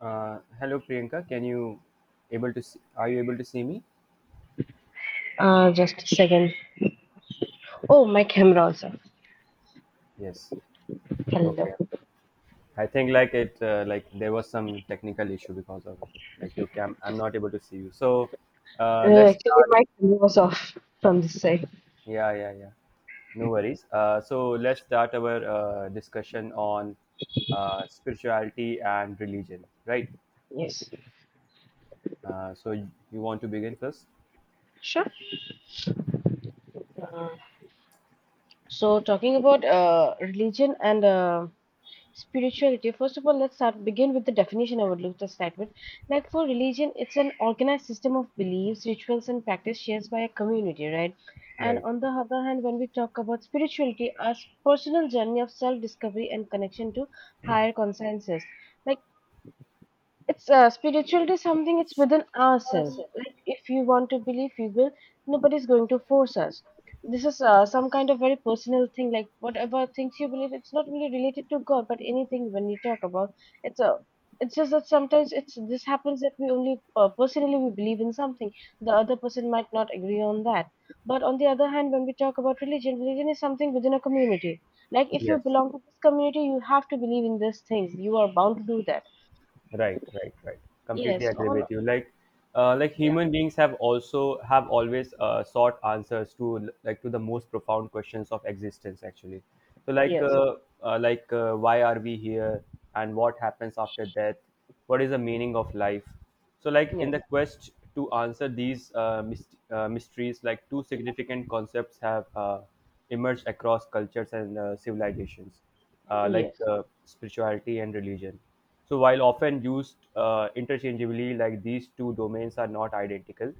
Hello, Priyanka. Can you able to see, Are you able to see me? Just a second. Oh, my camera also. Yes. Okay. Hello. I think like there was some technical issue because of it. Like, your cam, I'm not able to see you. So let's Actually, start. my camera was off from this side. Yeah, yeah, yeah. No worries. So let's start our discussion on spirituality and religion, right? Yes. So you want to begin first? Sure. Uh, so, talking about religion and spirituality, first of all, let's start begin with the definition I would look to start with. Like for religion, it's an organized system of beliefs, rituals, and practice shared by a community, right? And Right. on the other hand, when we talk about spirituality, as personal journey of self-discovery and connection to higher consciences. Like It's Spirituality is something it's within ourselves. Awesome. Like if you want to believe, you will. Nobody's going to force us. This is some kind of very personal thing. Like whatever things you believe, it's not really related to God, but anything when you talk about, it's a. It's just that sometimes it's this happens that we only personally we believe in something. The other person might not agree on that. But on the other hand, when we talk about religion, religion is something within a community. Like if you Yes. belong to this community, you have to believe in these things. You are bound to do that. Right, right, right. Completely Yes, agree all with you. Like, yeah. human beings have always sought answers to the most profound questions of existence. Actually, so like, Yes, why are we here, and what happens after death? What is the meaning of life? So, like, in yes, the quest to answer these mysteries, like two significant concepts have emerged across cultures and civilizations, yes. Spirituality and religion. So while often used interchangeably, like these two domains are not identical,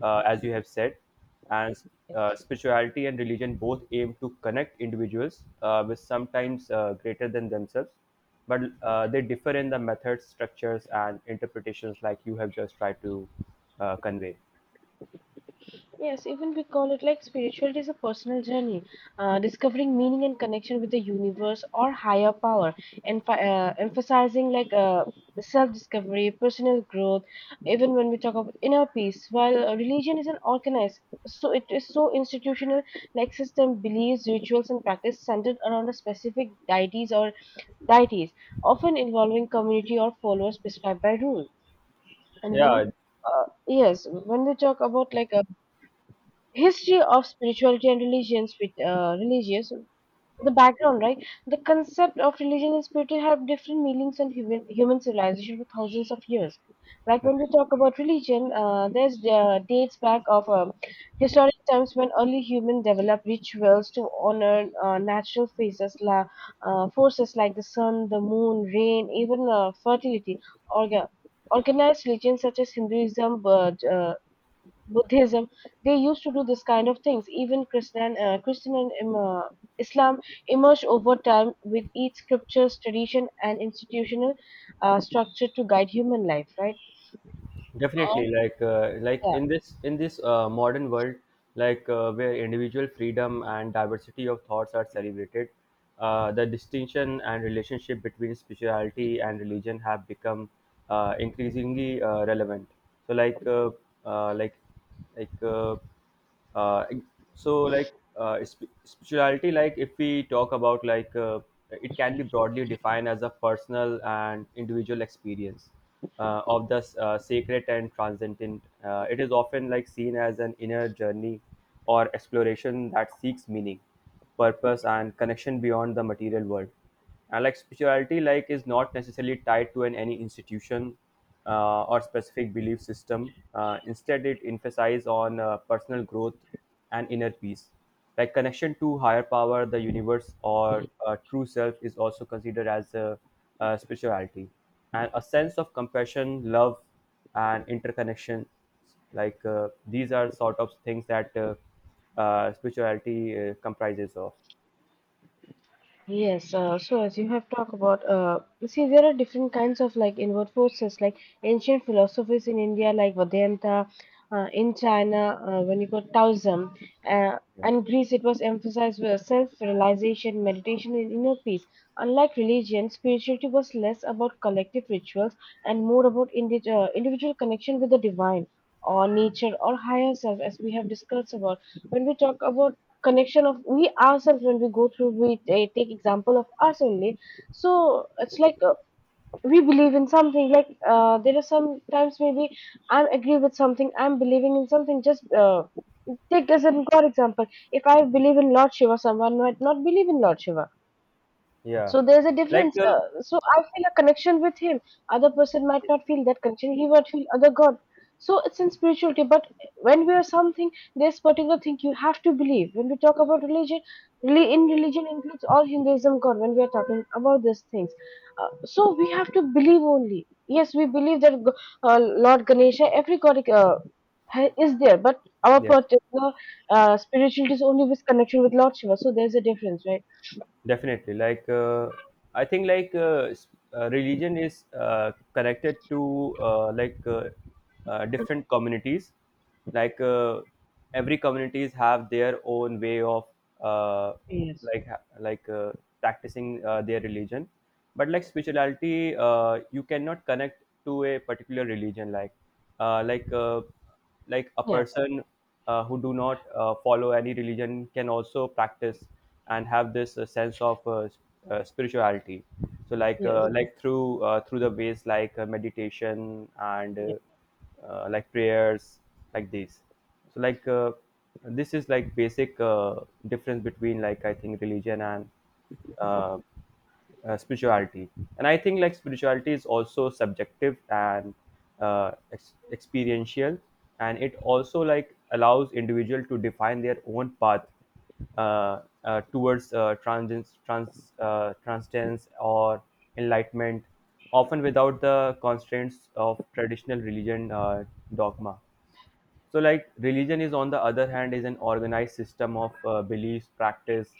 as you have said, and Yes, spirituality and religion both aim to connect individuals with sometimes greater than themselves, but they differ in the methods, structures, and interpretations, like you have just tried to convey. yes, even we call it like spirituality is a personal journey, discovering meaning and connection with the universe or higher power, and emphasizing self-discovery, personal growth. Even when we talk about inner peace, while religion is an organized, so it is so institutional, like system, beliefs, rituals, and practice centered around a specific deities or deities, often involving community or followers prescribed by rule. And when we, Yeah, yes, when we talk about like a history of spirituality and religions, with religious, the background, right? The concept of religion and spirit have different meanings in human civilization for thousands of years. Like when we talk about religion, there's dates back of historic times when early humans developed rituals to honor natural phases, forces like the sun, the moon, rain, even fertility. Orga- Organized religions such as Hinduism, Buddhism, they used to do this kind of things. Even Christian and Islam emerged over time with each scripture's tradition and institutional structure to guide human life, right? definitely, All like like, yeah. in this modern world, like, where individual freedom and diversity of thoughts are celebrated, the distinction and relationship between spirituality and religion have become increasingly relevant. So, like, uh, like like uh, so like sp- spirituality, like, if we talk about, like, it can be broadly defined as a personal and individual experience of the sacred and transcendent. It is often like seen as an inner journey or exploration that seeks meaning, purpose, and connection beyond the material world. And like, spirituality like is not necessarily tied to an any institution, or specific belief system. Instead, it emphasizes on personal growth and inner peace, like connection to higher power, the universe, or true self is also considered as a, spirituality, and a sense of compassion, love, and interconnection, like, these are sort of things that spirituality comprises of. Yes, so as you have talked about, see, there are different kinds of like inward forces, like ancient philosophies in India, like Vedanta, in China, when you got Taoism, Yeah, and Greece, it was emphasized with self realization, meditation, and inner peace. Unlike religion, spirituality was less about collective rituals and more about individual connection with the divine or nature or higher self, as we have discussed about. When we talk about connection of we ourselves when we go through we take example of us only, so it's like we believe in something, like there are some times maybe I agree with something, I'm believing in something, just take as an for example, if I believe in Lord Shiva, someone might not believe in Lord Shiva, yeah. so there's a like difference. uh, So I feel a connection with him. Other person might not feel that connection. He might feel other God. So it's in spirituality. But when we are something, there's particular thing you have to believe. When we talk about religion, really in religion includes all Hinduism God. When we are talking about these things, so we have to believe only. Yes, we believe that Lord Ganesha, every God is there. But our Yes, particular spirituality is only with connection with Lord Shiva. So there's a difference, right? definitely. Like, I think religion is connected to, different communities. Like, every communities have their own way of uh, Yes. like ha- like uh, practicing their religion. But like, spirituality, you cannot connect to a particular religion. Like, like a Yeah. person who do not follow any religion can also practice and have this sense of spirituality, so like, Yes, like through through the ways like, meditation and like prayers, like these. So like, this is like basic difference between, like, I think, religion and uh, spirituality. And I think like spirituality is also subjective and experiential, and it also like allows individual to define their own path towards transcendence or enlightenment, often without the constraints of traditional religion dogma. So like, religion is on the other hand is an organized system of beliefs, practice,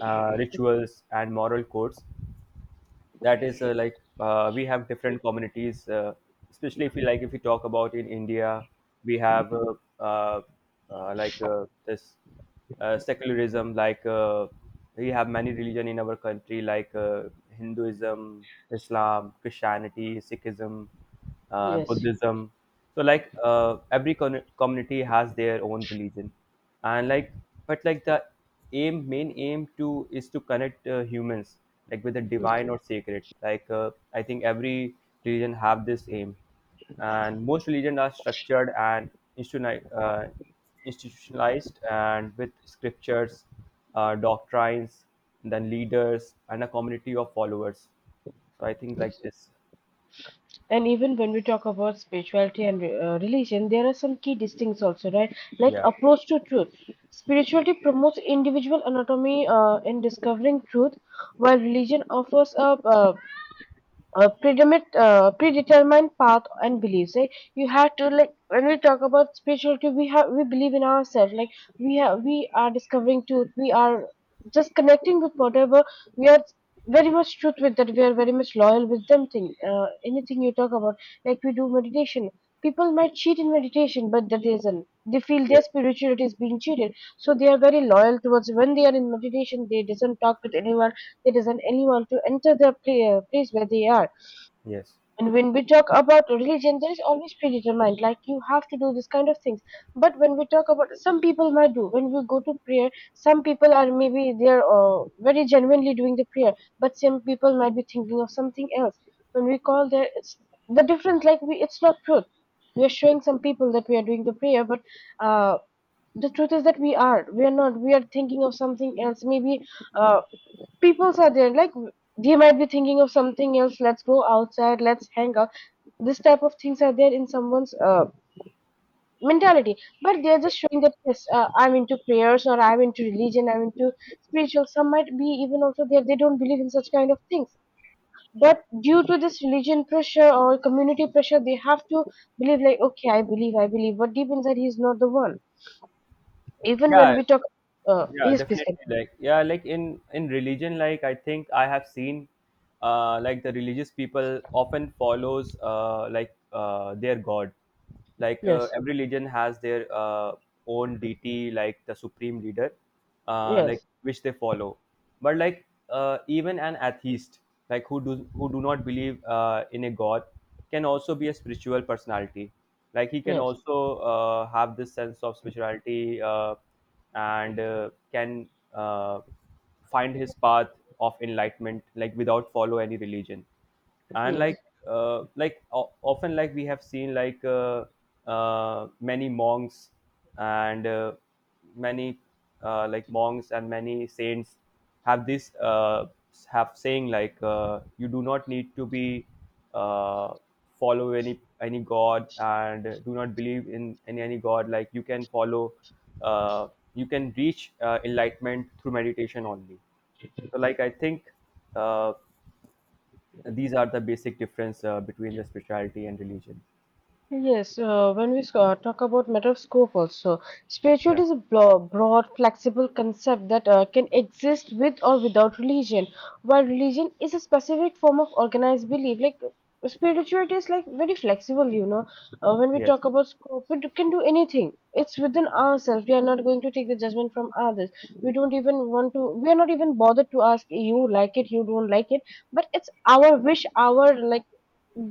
rituals, and moral codes. That is, we have different communities, especially if you like if you talk about in India, we have uh, this secularism, like, we have many religion in our country, like, Hinduism, Islam, Christianity, Sikhism, yes, Buddhism. So like, every community has their own religion, and like, but like, the aim to is to connect humans, like, with the yes, divine or sacred. Like, I think every religion have this aim, and most religion are structured and institutionalized, and with scriptures, doctrines, then leaders and a community of followers. So I think yes. like this. And even when we talk about spirituality and religion, there are some key distincts also, right? Like Yeah. approach to truth. Spirituality promotes individual anatomy in discovering truth, while religion offers a uh, predetermined path and beliefs, like you have to, like when we talk about spirituality, we believe in ourselves, like we are discovering truth, we are just connecting with whatever we are, very much truth with that, we are very much loyal with them thing, anything you talk about, like we do meditation, people might cheat in meditation, but that isn't, they feel Yeah. their spirituality is being cheated, so they are very loyal towards, when they are in meditation they doesn't talk with anyone, they doesn't anyone to enter the place where they are. Yes. And when we talk about religion, there is always predetermined, like you have to do this kind of things. But when we talk about, some people might do. When we go to prayer, some people are maybe they are very genuinely doing the prayer, but some people might be thinking of something else. When we call there, it's the difference. Like we, it's not truth. We are showing some people that we are doing the prayer, but uh, the truth is that we are not, we are thinking of something else maybe, uh, people are there, like they might be thinking of something else, let's go outside, let's hang out, this type of things are there in someone's mentality, but they're just showing that yes, I'm into prayers or I'm into religion, I'm into spiritual. Some might be even also there, they don't believe in such kind of things, but due to this religion pressure or community pressure they have to believe, like okay I believe, but deep inside he's not the one. Even when Yeah, we talk, yeah, yes, please definitely. continue. Like, yeah, like in religion, like, I think I have seen, like the religious people often follows, like, their god. Like, Yes, every religion has their own deity, like the supreme leader, like yes, which they follow. But like, even an atheist, like who do not believe in a god, can also be a spiritual personality. Like he can yes, also have this sense of spirituality, and can uh, find his path of enlightenment, like without follow any religion, and yes. like, often, like we have seen, like, many monks and many like monks and many saints have this have saying like, you do not need to be uh, follow any god and do not believe in any god. Like you can follow, uh, you can reach enlightenment through meditation only. So like, I think, uh, and these are the basic difference between the spirituality and religion. Yes, when we talk about matter of scope also, spirituality Yeah. is a broad, flexible concept that can exist with or without religion. While religion is a specific form of organized belief, like spirituality is like very flexible, you know. When we Yes, talk about scope, it can do anything. It's within ourselves. We are not going to take the judgment from others. We don't even want to. We are not even bothered to ask you like it, you don't like it. But it's our wish, our like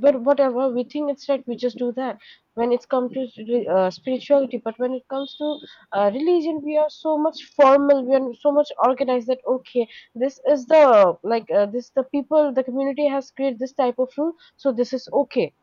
but whatever we think it's right we just do that, when it's come to spirituality. But when it comes to religion, we are so much formal, we are so much organized that okay this is the like this the people the community has created this type of rule, so this is okay,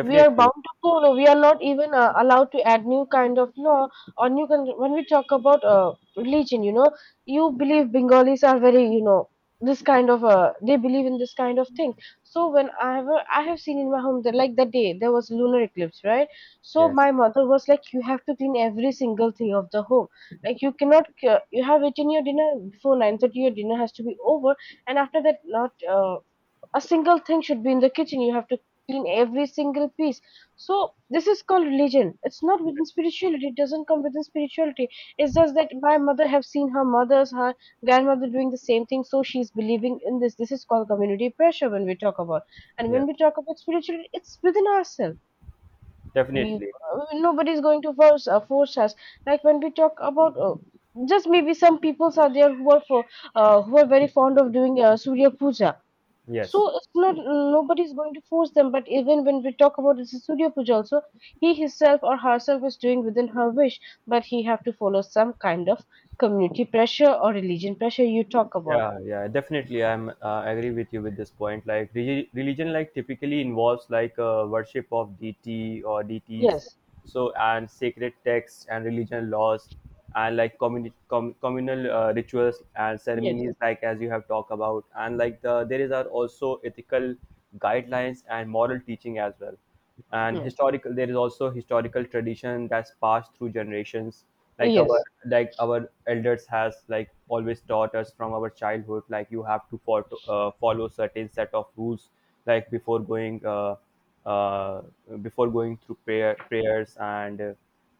we are bound to follow. We are not even allowed to add new kind of law or new kind. When we talk about religion, you know, you believe Bengalis are very, you know, this kind of they believe in this kind of thing. So when I have seen in my home that like that day there was lunar eclipse, right? So Yes. my mother was like, you have to clean every single thing of the home. Like you cannot you have eaten your dinner before 9:30. Your dinner has to be over, and after that, not. A single thing should be in the kitchen. You have to in every single piece. So this is called religion. It's not within spirituality. It doesn't come within spirituality. It's just that my mother have seen her mother's her grandmother doing the same thing, so she's believing in this. This is called community pressure when we talk about. And Yeah, when we talk about spirituality, it's within ourselves. We definitely. Nobody's going to force us. Like when we talk about. Just maybe some peoples are there who are for who are very fond of doing Surya Puja, Yes. so it's not nobody's going to force them, but even when we talk about this studio puja also, he himself or herself is doing within her wish, but he have to follow some kind of community pressure or religion pressure you talk about. Yeah, yeah, definitely, I'm agree with you with this point. Like, religion, like, typically involves, like, worship of deity or deities, Yes, so, and sacred texts and religion laws, and like, communal rituals and yes, ceremonies, like, as you have talked about, and like the there is are also ethical guidelines and moral teaching as well, and yes, historical, there is also historical tradition that's passed through generations. Like our, yes, like our elders has like always taught us from our childhood, like, you have to follow, follow certain set of rules, like before going, uh, before going through prayers and uh,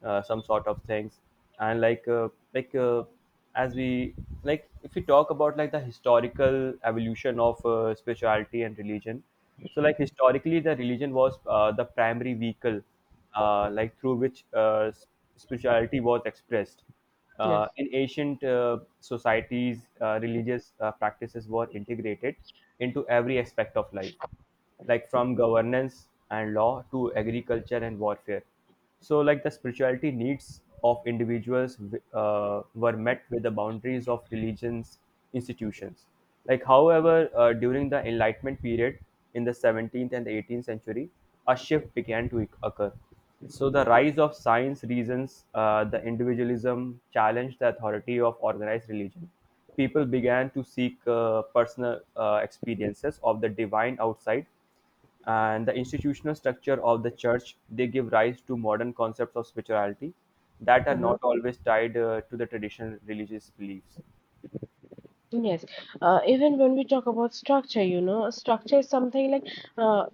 uh, some sort of things. And like, like uh, as we, like, if we talk about, like, the historical evolution of spirituality and religion. So, like, historically, the religion was the primary vehicle, like through which spirituality was expressed. Yes. In ancient societies, religious practices were integrated into every aspect of life, like from governance and law to agriculture and warfare. So like, the spirituality needs of individuals were met with the boundaries of religions institutions. Like, however, during the enlightenment period in the 17th and 18th century, a shift began to occur. So the rise of science, reasons, the individualism challenged the authority of organized religion. People began to seek personal experiences of the divine outside and the institutional structure of the church. They give rise to modern concepts of spirituality that are Mhm. not always tied, to the traditional religious beliefs. Yes, even when we talk about structure, you know, structure is something like uh,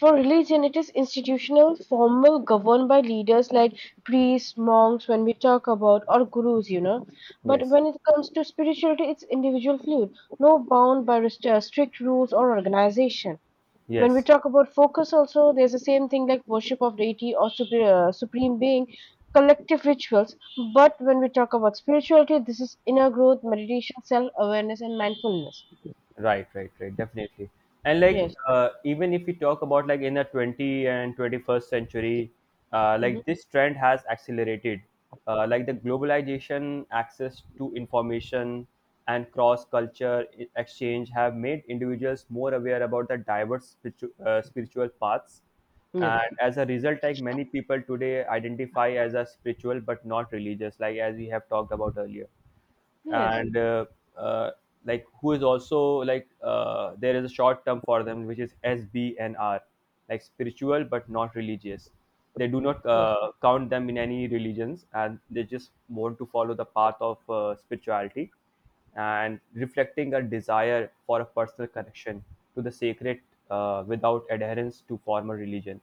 For religion, it is institutional, formal, governed by leaders like priests, monks, when we talk about, or gurus, you know. But Yes. when it comes to spirituality, it's individual fluid, no bound by strict rules or organization. When we Yes. talk about focus, also, there's the same thing like worship of deity or supreme being, collective rituals. But when we talk about spirituality, this is inner growth, meditation, self awareness, and mindfulness. Right, right, right. Definitely. And like, Yes. Even if we talk about, like, in the 20th and 21st century, Hmm. like this trend has accelerated. Like, the globalization, access to information, and cross culture exchange have made individuals more aware about the diverse spiritual paths. Yes. And as a result, like, many people today identify as a spiritual but not religious, like as we have talked about earlier, Yes. and uh, like who is also like, there is a short term for them which is SBNR, like spiritual but not religious. They do not count them in any religions, and they just want to follow the path of spirituality, and reflecting a desire for a personal connection to the sacred, without adherence to formal religion.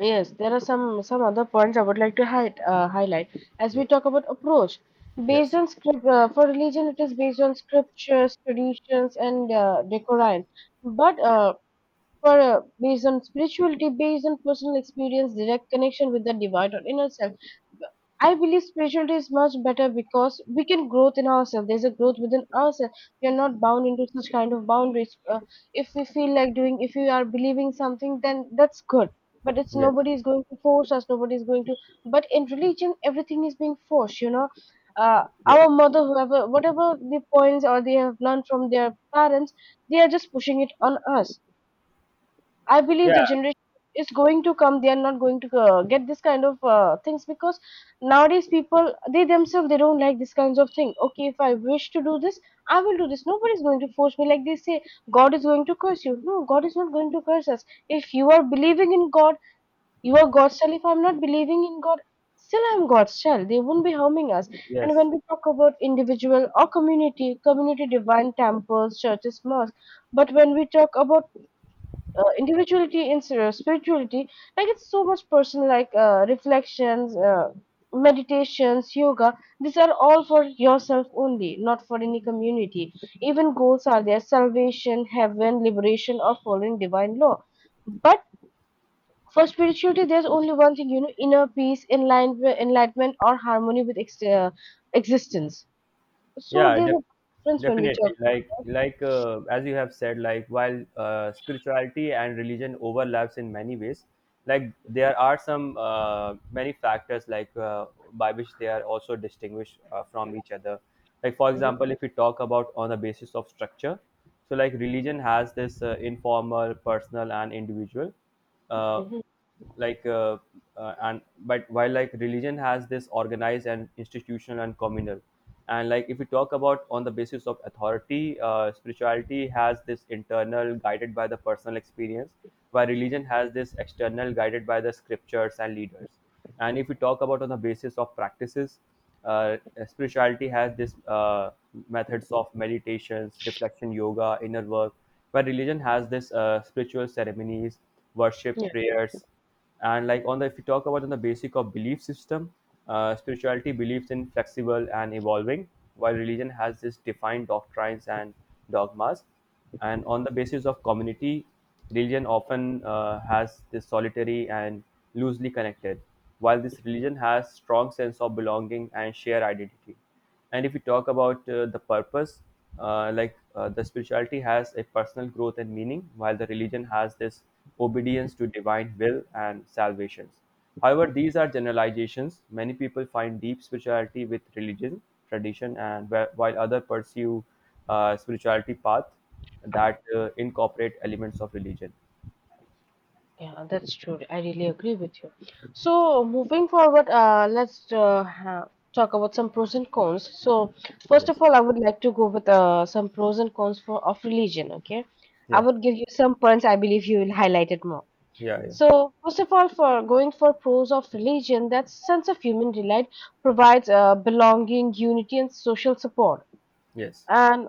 Yes, there are some other points I would like to hi highlight as we Yes. talk about approach. Based Yes. on script for religion, it is based on scriptures, traditions, and decorum. But for based on spirituality, based on personal experience, direct connection with the divine or inner self. I believe spirituality is much better because we can growth in ourselves. There's a growth within ourselves. We are not bound into such kind of boundaries. If we feel like doing, if we are believing something, then that's good. But it's Yes. nobody is going to force us. Nobody is going to. But in religion, everything is being forced. Yes. Our mother, whoever, whatever the points or they have learned from their parents, they are just pushing it on us. I believe the Yeah. generation is going to come. They are not going to get this kind of things because nowadays people they themselves they don't like this kinds of thing. Okay, if I wish to do this, I will do this. Nobody is going to force me. Like they say, God is going to curse you. No, God is not going to curse us. If you are believing in God, you are God's child. If I'm not believing in God, still I'm God's child. They won't be harming us. And Yes. when we talk about individual or community, community divine temples, churches, mosques. But when we talk about individuality and of spirituality, like it's so much personal, like reflections, meditations, yoga, these are all for yourself only, not for any community. Even goals are there: salvation, heaven, liberation, or following divine law. But for spirituality, there's only one thing, you know, inner peace, enlightenment or harmony with existence. So yeah there's a def- difference when we talk. definitely, as you have said, while spirituality and religion overlaps in many ways, there are some many factors by which they are also distinguished from each other. Like for example, if we talk about on the basis of structure, so religion has this informal, personal and individual Uh, like uh, and but while like religion has this organized and institutional and communal. And if we talk about on the basis of authority, spirituality has this internal, guided by the personal experience, while religion has this external, guided by the scriptures and leaders. And if we talk about on the basis of practices, uh, spirituality has this methods of meditations, reflection, yoga, inner work, while religion has this spiritual ceremonies, worship, Yeah. prayers. And like on the if you talk about on the basic of belief system, spirituality believes in flexible and evolving, while religion has this defined doctrines and dogmas. And on the basis of community, religion often has this solitary and loosely connected, while this religion has strong sense of belonging and shared identity. And if we talk about the purpose, the spirituality has a personal growth and meaning, while the religion has this obedience to divine will and salvations. However, these are generalizations. Many people find deep spirituality with religion, tradition, and while others pursue spirituality path that incorporate elements of religion. Yeah, that's true. I really agree with you. So, moving forward, let's ha talk about some pros and cons. So, first of Yes. all, I would like to go with some pros and cons for of religion. Okay, I Yeah. would give you some points. I believe you will highlight it more. Yeah. Yeah. So, first of all, for going for pros of religion, that sense of human delight provides belonging, unity, and social support, Yes. and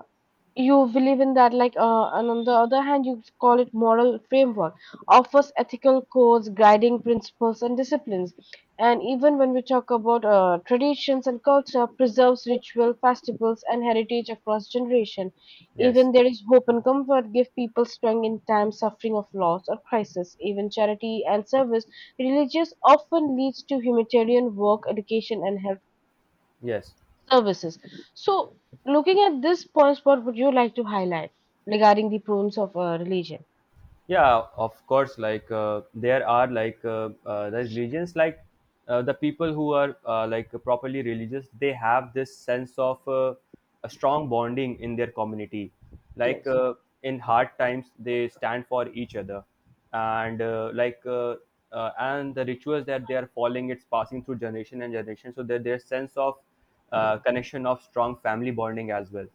you believe in that, like and on the other hand you call it moral framework, offers ethical codes, guiding principles and disciplines. And even when we talk about traditions and culture, preserves ritual festivals and heritage across generation. Yes. Even there is hope and comfort, give people strength in times suffering of loss or crisis. Even charity and service, religious often leads to humanitarian work, education and health Yes. services. So, looking at this points, what would you like to highlight regarding the problems of religion? Yeah, of course. The religions, the people who are like properly religious, they have this sense of a strong bonding in their community. like Yes, uh, in hard times they stand for each other. And and the rituals that they are following, it's passing through generation and generation, so that their sense of connection of strong family bonding as well.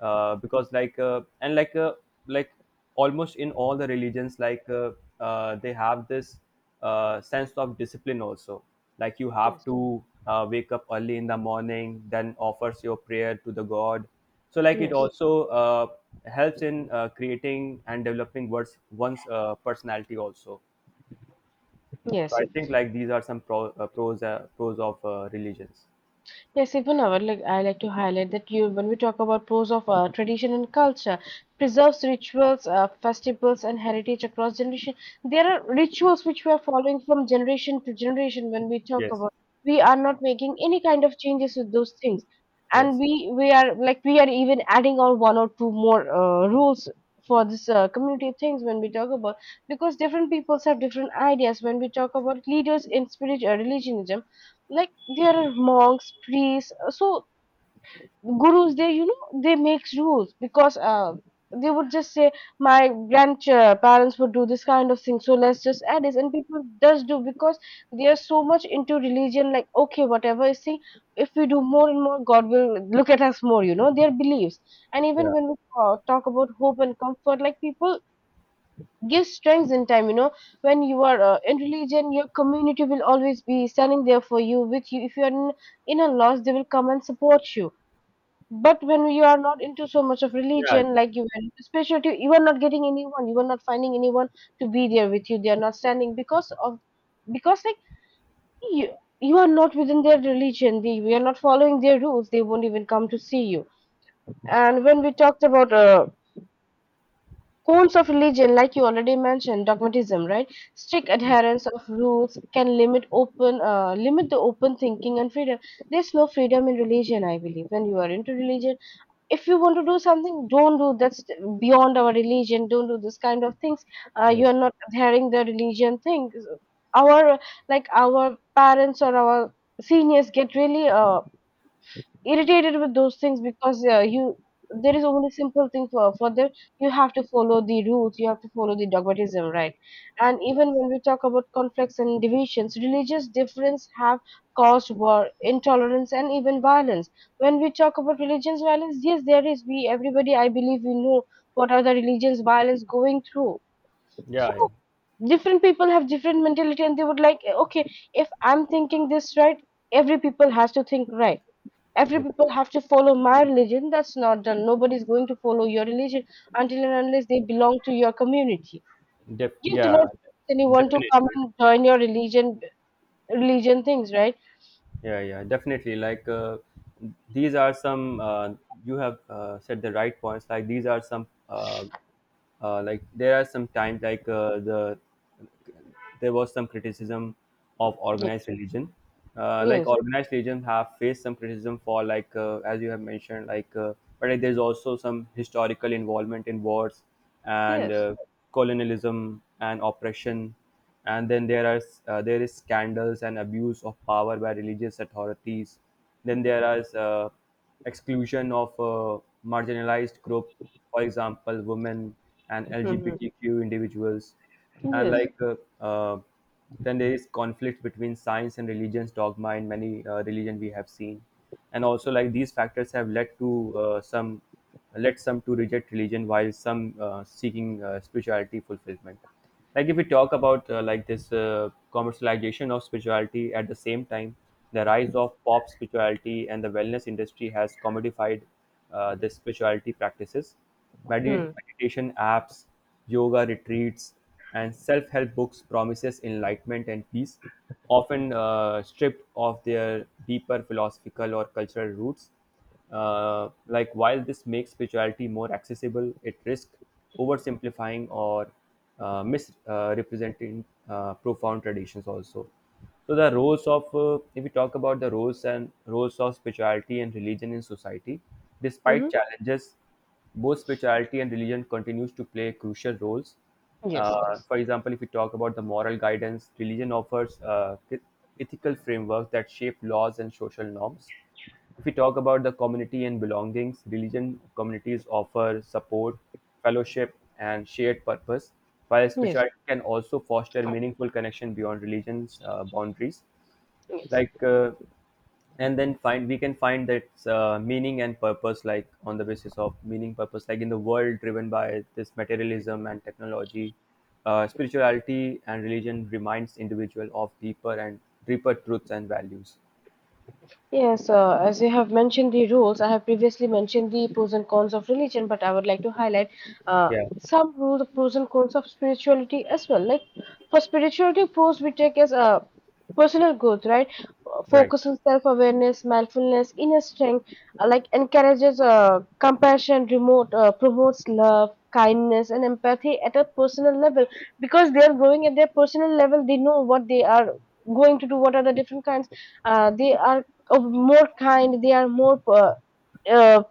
Because like and like like Almost in all the religions, they have this sense of discipline also. Like, you have yes, to wake up early in the morning, then offers your prayer to the god. So it yes. also helps in creating and developing one's personality also. So Yes. I think these are some pros of religions. Yes, even I would like I like to highlight that you, when we talk about pros of tradition and culture, Yes. preserves rituals, festivals, and heritage across generation. There are rituals which we are following from generation to generation. When we talk Yes. about, we are not making any kind of changes with those things, and Yes. we are like we are even adding on one or two more rules for this community things when we talk about, because different peoples have different ideas when we talk about leaders in spirit religion, like there are monks, priests, so gurus, they, you know, they make rules because they would just say my grandparents would do this kind of thing, so let's just add this, and people does do because they are so much into religion, like okay, whatever is saying, if we do more and more, god will look at us more, you know, their beliefs. And even Yeah. when we talk about hope and comfort, like people give strength in time, you know, when you are in religion, your community will always be standing there for you, with you. If you are in a loss, they will come and support you. But when you are not into so much of Yeah. religion, like you were into spirituality, you are not getting anyone, you are not finding anyone to be there with you. They are not standing because of, because like, you you are not within their religion, they we are not following their rules, they won't even come to see you. And when we talked about forms of religion, like you already mentioned, dogmatism, right? Strict adherence of rules can limit open, limit the open thinking and freedom. There's no freedom in religion, I believe. When you are into religion, if you want to do something, don't do, that's beyond our religion. Don't do this kind of things. You are Yes. not adhering the religion thing. Our, like our parents or our seniors get really irritated with those things, because you, there is only simple thing for them, you have to follow the rules, you have to follow the dogmatism, right? And even Yes. when we talk about conflicts and divisions, religious difference have caused war, intolerance and even violence. When we talk about religions violence, yes there is, we everybody, I believe we know what are the religions violence going through. So Yeah. Yeah. different people have different mentality, and they would like, okay, if I'm thinking this right, every people has to think right, every It people have to follow my religion. That's not done. Nobody's going to follow your religion until and unless they belong to your community. def You cannot yeah, force anyone to come definitely. and join your religion, religion things, right? Yeah, yeah, definitely. These are some, you have said the right points. Like, these are some, there are some times there was some criticism of Ye- organized religion. Yes, Organized religion have faced some criticism for, as you have mentioned, but, there's also some historical involvement in wars and yes. Colonialism and oppression. And then there are, there is scandals and abuse of power by religious authorities. Then there is exclusion of marginalized group, for example women and Hmm. LGBTQ individuals. And Yes. Uh, then there is conflict between science and religion's dogma, in many religion we have seen. And also, these factors have led to some led some to reject religion, while some seeking spirituality fulfillment. Like, if we talk about this commercialization of spirituality at the same time, the rise of pop spirituality and the wellness industry has commodified this spirituality practices. Mm-hmm. Meditation apps, yoga retreats, and self-help books promises enlightenment and peace, often stripped of their deeper philosophical or cultural roots. While this makes spirituality more accessible, it risks oversimplifying or misrepresenting profound traditions also. So the roles of, if we talk about the roles of spirituality and religion in society, despite challenges, both spirituality and religion continues to play crucial roles. Yes it is. For example, if we talk about the moral guidance, religion offers ethical frameworks that shape laws and social norms. If we talk about the community and belongings, religion communities offer support, fellowship, and shared purpose, while Yes, spirituality can also foster meaningful connection beyond religion's boundaries. yes. Like uh, and then find we can find that meaning and purpose, like on the basis of meaning purpose, like in the world driven by this materialism and technology, spirituality and religion reminds individual of deeper truths and values. Yes, as you have mentioned the rules, I have previously mentioned the pros and cons of religion, but I would like to highlight uh, Yeah. some rules, pros and cons of spirituality as well. Like for spirituality, pros we take as personal growth, right? Right. Focus on self-awareness, mindfulness, inner strength. Like encourages compassion, remote promotes love, kindness, and empathy at a personal level, because they are growing at their personal level. They know what they are going to do, what are the different kinds, they are of more kind, they are more uh,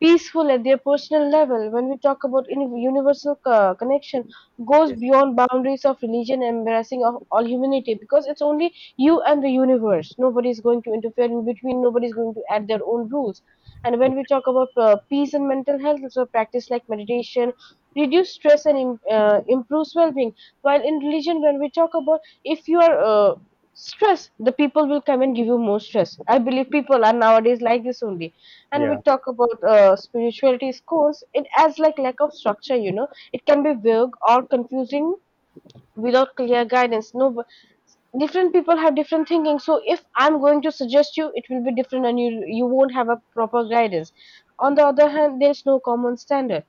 peaceful at their personal level. When we talk about universal connection, goes Yes. beyond boundaries of religion, embracing of all humanity, because it's only you and the universe, nobody is going to interfere in between, nobody is going to add their own rules. And when we talk about peace and mental health, so practice like meditation reduce stress and improves well-being, while in religion, when we talk about, if you are stress, the people will come and give you more stress. I believe people are nowadays like this only. And we Yeah. talk about spirituality schools, it has like lack of structure, you know, it can be vague or confusing without clear guidance. No, different people have different thinking, so if I'm going to suggest you, it will be different, and you won't have a proper guidance. On the other hand, there's no common standard.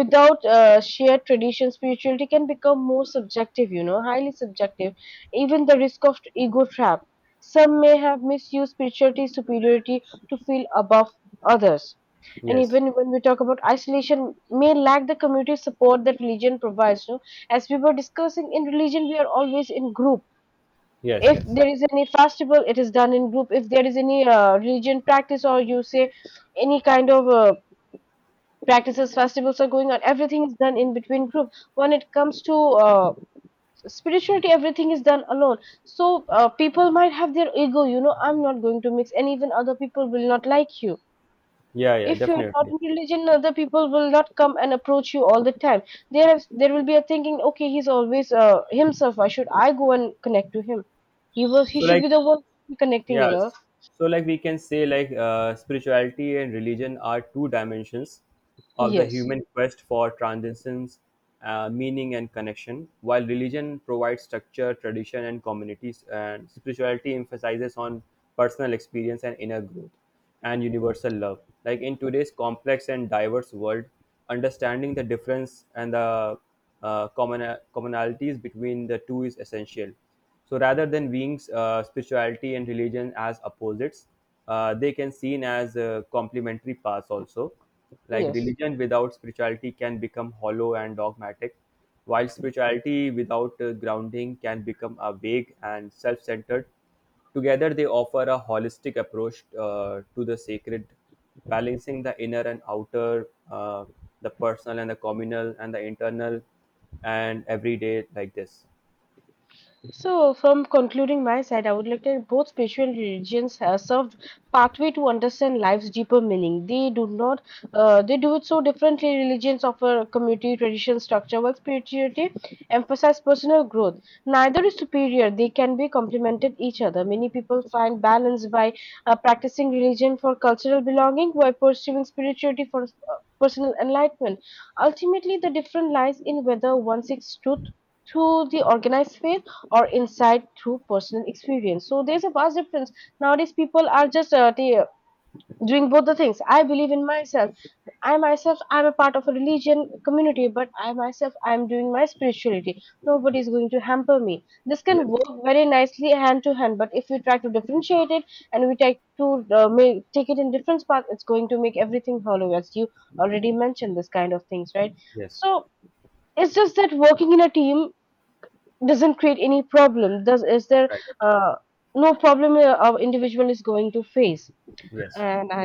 Without shared tradition, spirituality can become more subjective, you know, highly subjective. Even the risk of ego trap, some may have misused spirituality superiority to feel above others. And Yes. even when we talk about isolation, may lack the community support that religion provides, you know, as we were discussing, in religion we are always in group. Yes. If Yes. there is any festival, it is done in group. If there is any religion practice, or you say any kind of practices, festivals are going on, everything is done in between group. When it comes to uh, spirituality, everything is done alone. So people might have their ego, you know, I'm not going to mix, and even other people will not like you. Yeah. Yeah, If you're not definitely. in religion, other people will not come and approach you all the time. There is, there will be a thinking, okay, he's always himself, why should I go and connect to him, he was, so he should like be the one connecting, you know. Yes. So we can say spirituality and religion are two dimensions of the Yes. human quest for transcendence, meaning and connection. While religion provides structure, tradition and communities, and spirituality emphasizes on personal experience and inner growth and universal love. Like, in today's complex and diverse world, understanding the difference and the commonalities between the two is essential. So rather than viewing spirituality and religion as opposites, they can seen as complementary paths also. Like, Yes. religion without spirituality can become hollow and dogmatic, while spirituality without grounding can become a vague and self-centered. Together, they offer a holistic approach to the sacred, balancing the inner and outer, the personal and the communal, and the internal and everyday, like this. So, from concluding my side, I would like to that both spiritual religions have served pathway to understand life's deeper meaning. They do not, they do it so differently. Religions offer community, tradition, structure, while spirituality emphasize personal growth. Neither is superior; they can be complemented each other. Many people find balance by practicing religion for cultural belonging, while pursuing spirituality for personal enlightenment. Ultimately, the difference lies in whether one seeks truth through the organized faith or insight through personal experience. So there's a vast difference. Nowadays, people are just doing both the things. I believe in myself. I myself, I'm a part of a religion community, but I myself, I'm doing my spirituality. Nobody is Yes. going to hamper me. This can Yes. work very nicely hand to hand, but if we try to differentiate it and we try to make, take it in different paths, it's going to make everything hollow, as you already mentioned, this kind of things, right? Yes. So it's just that working in a team doesn't create any problem, does is there, Right. uh, no problem our individual is going to face, Yes. and I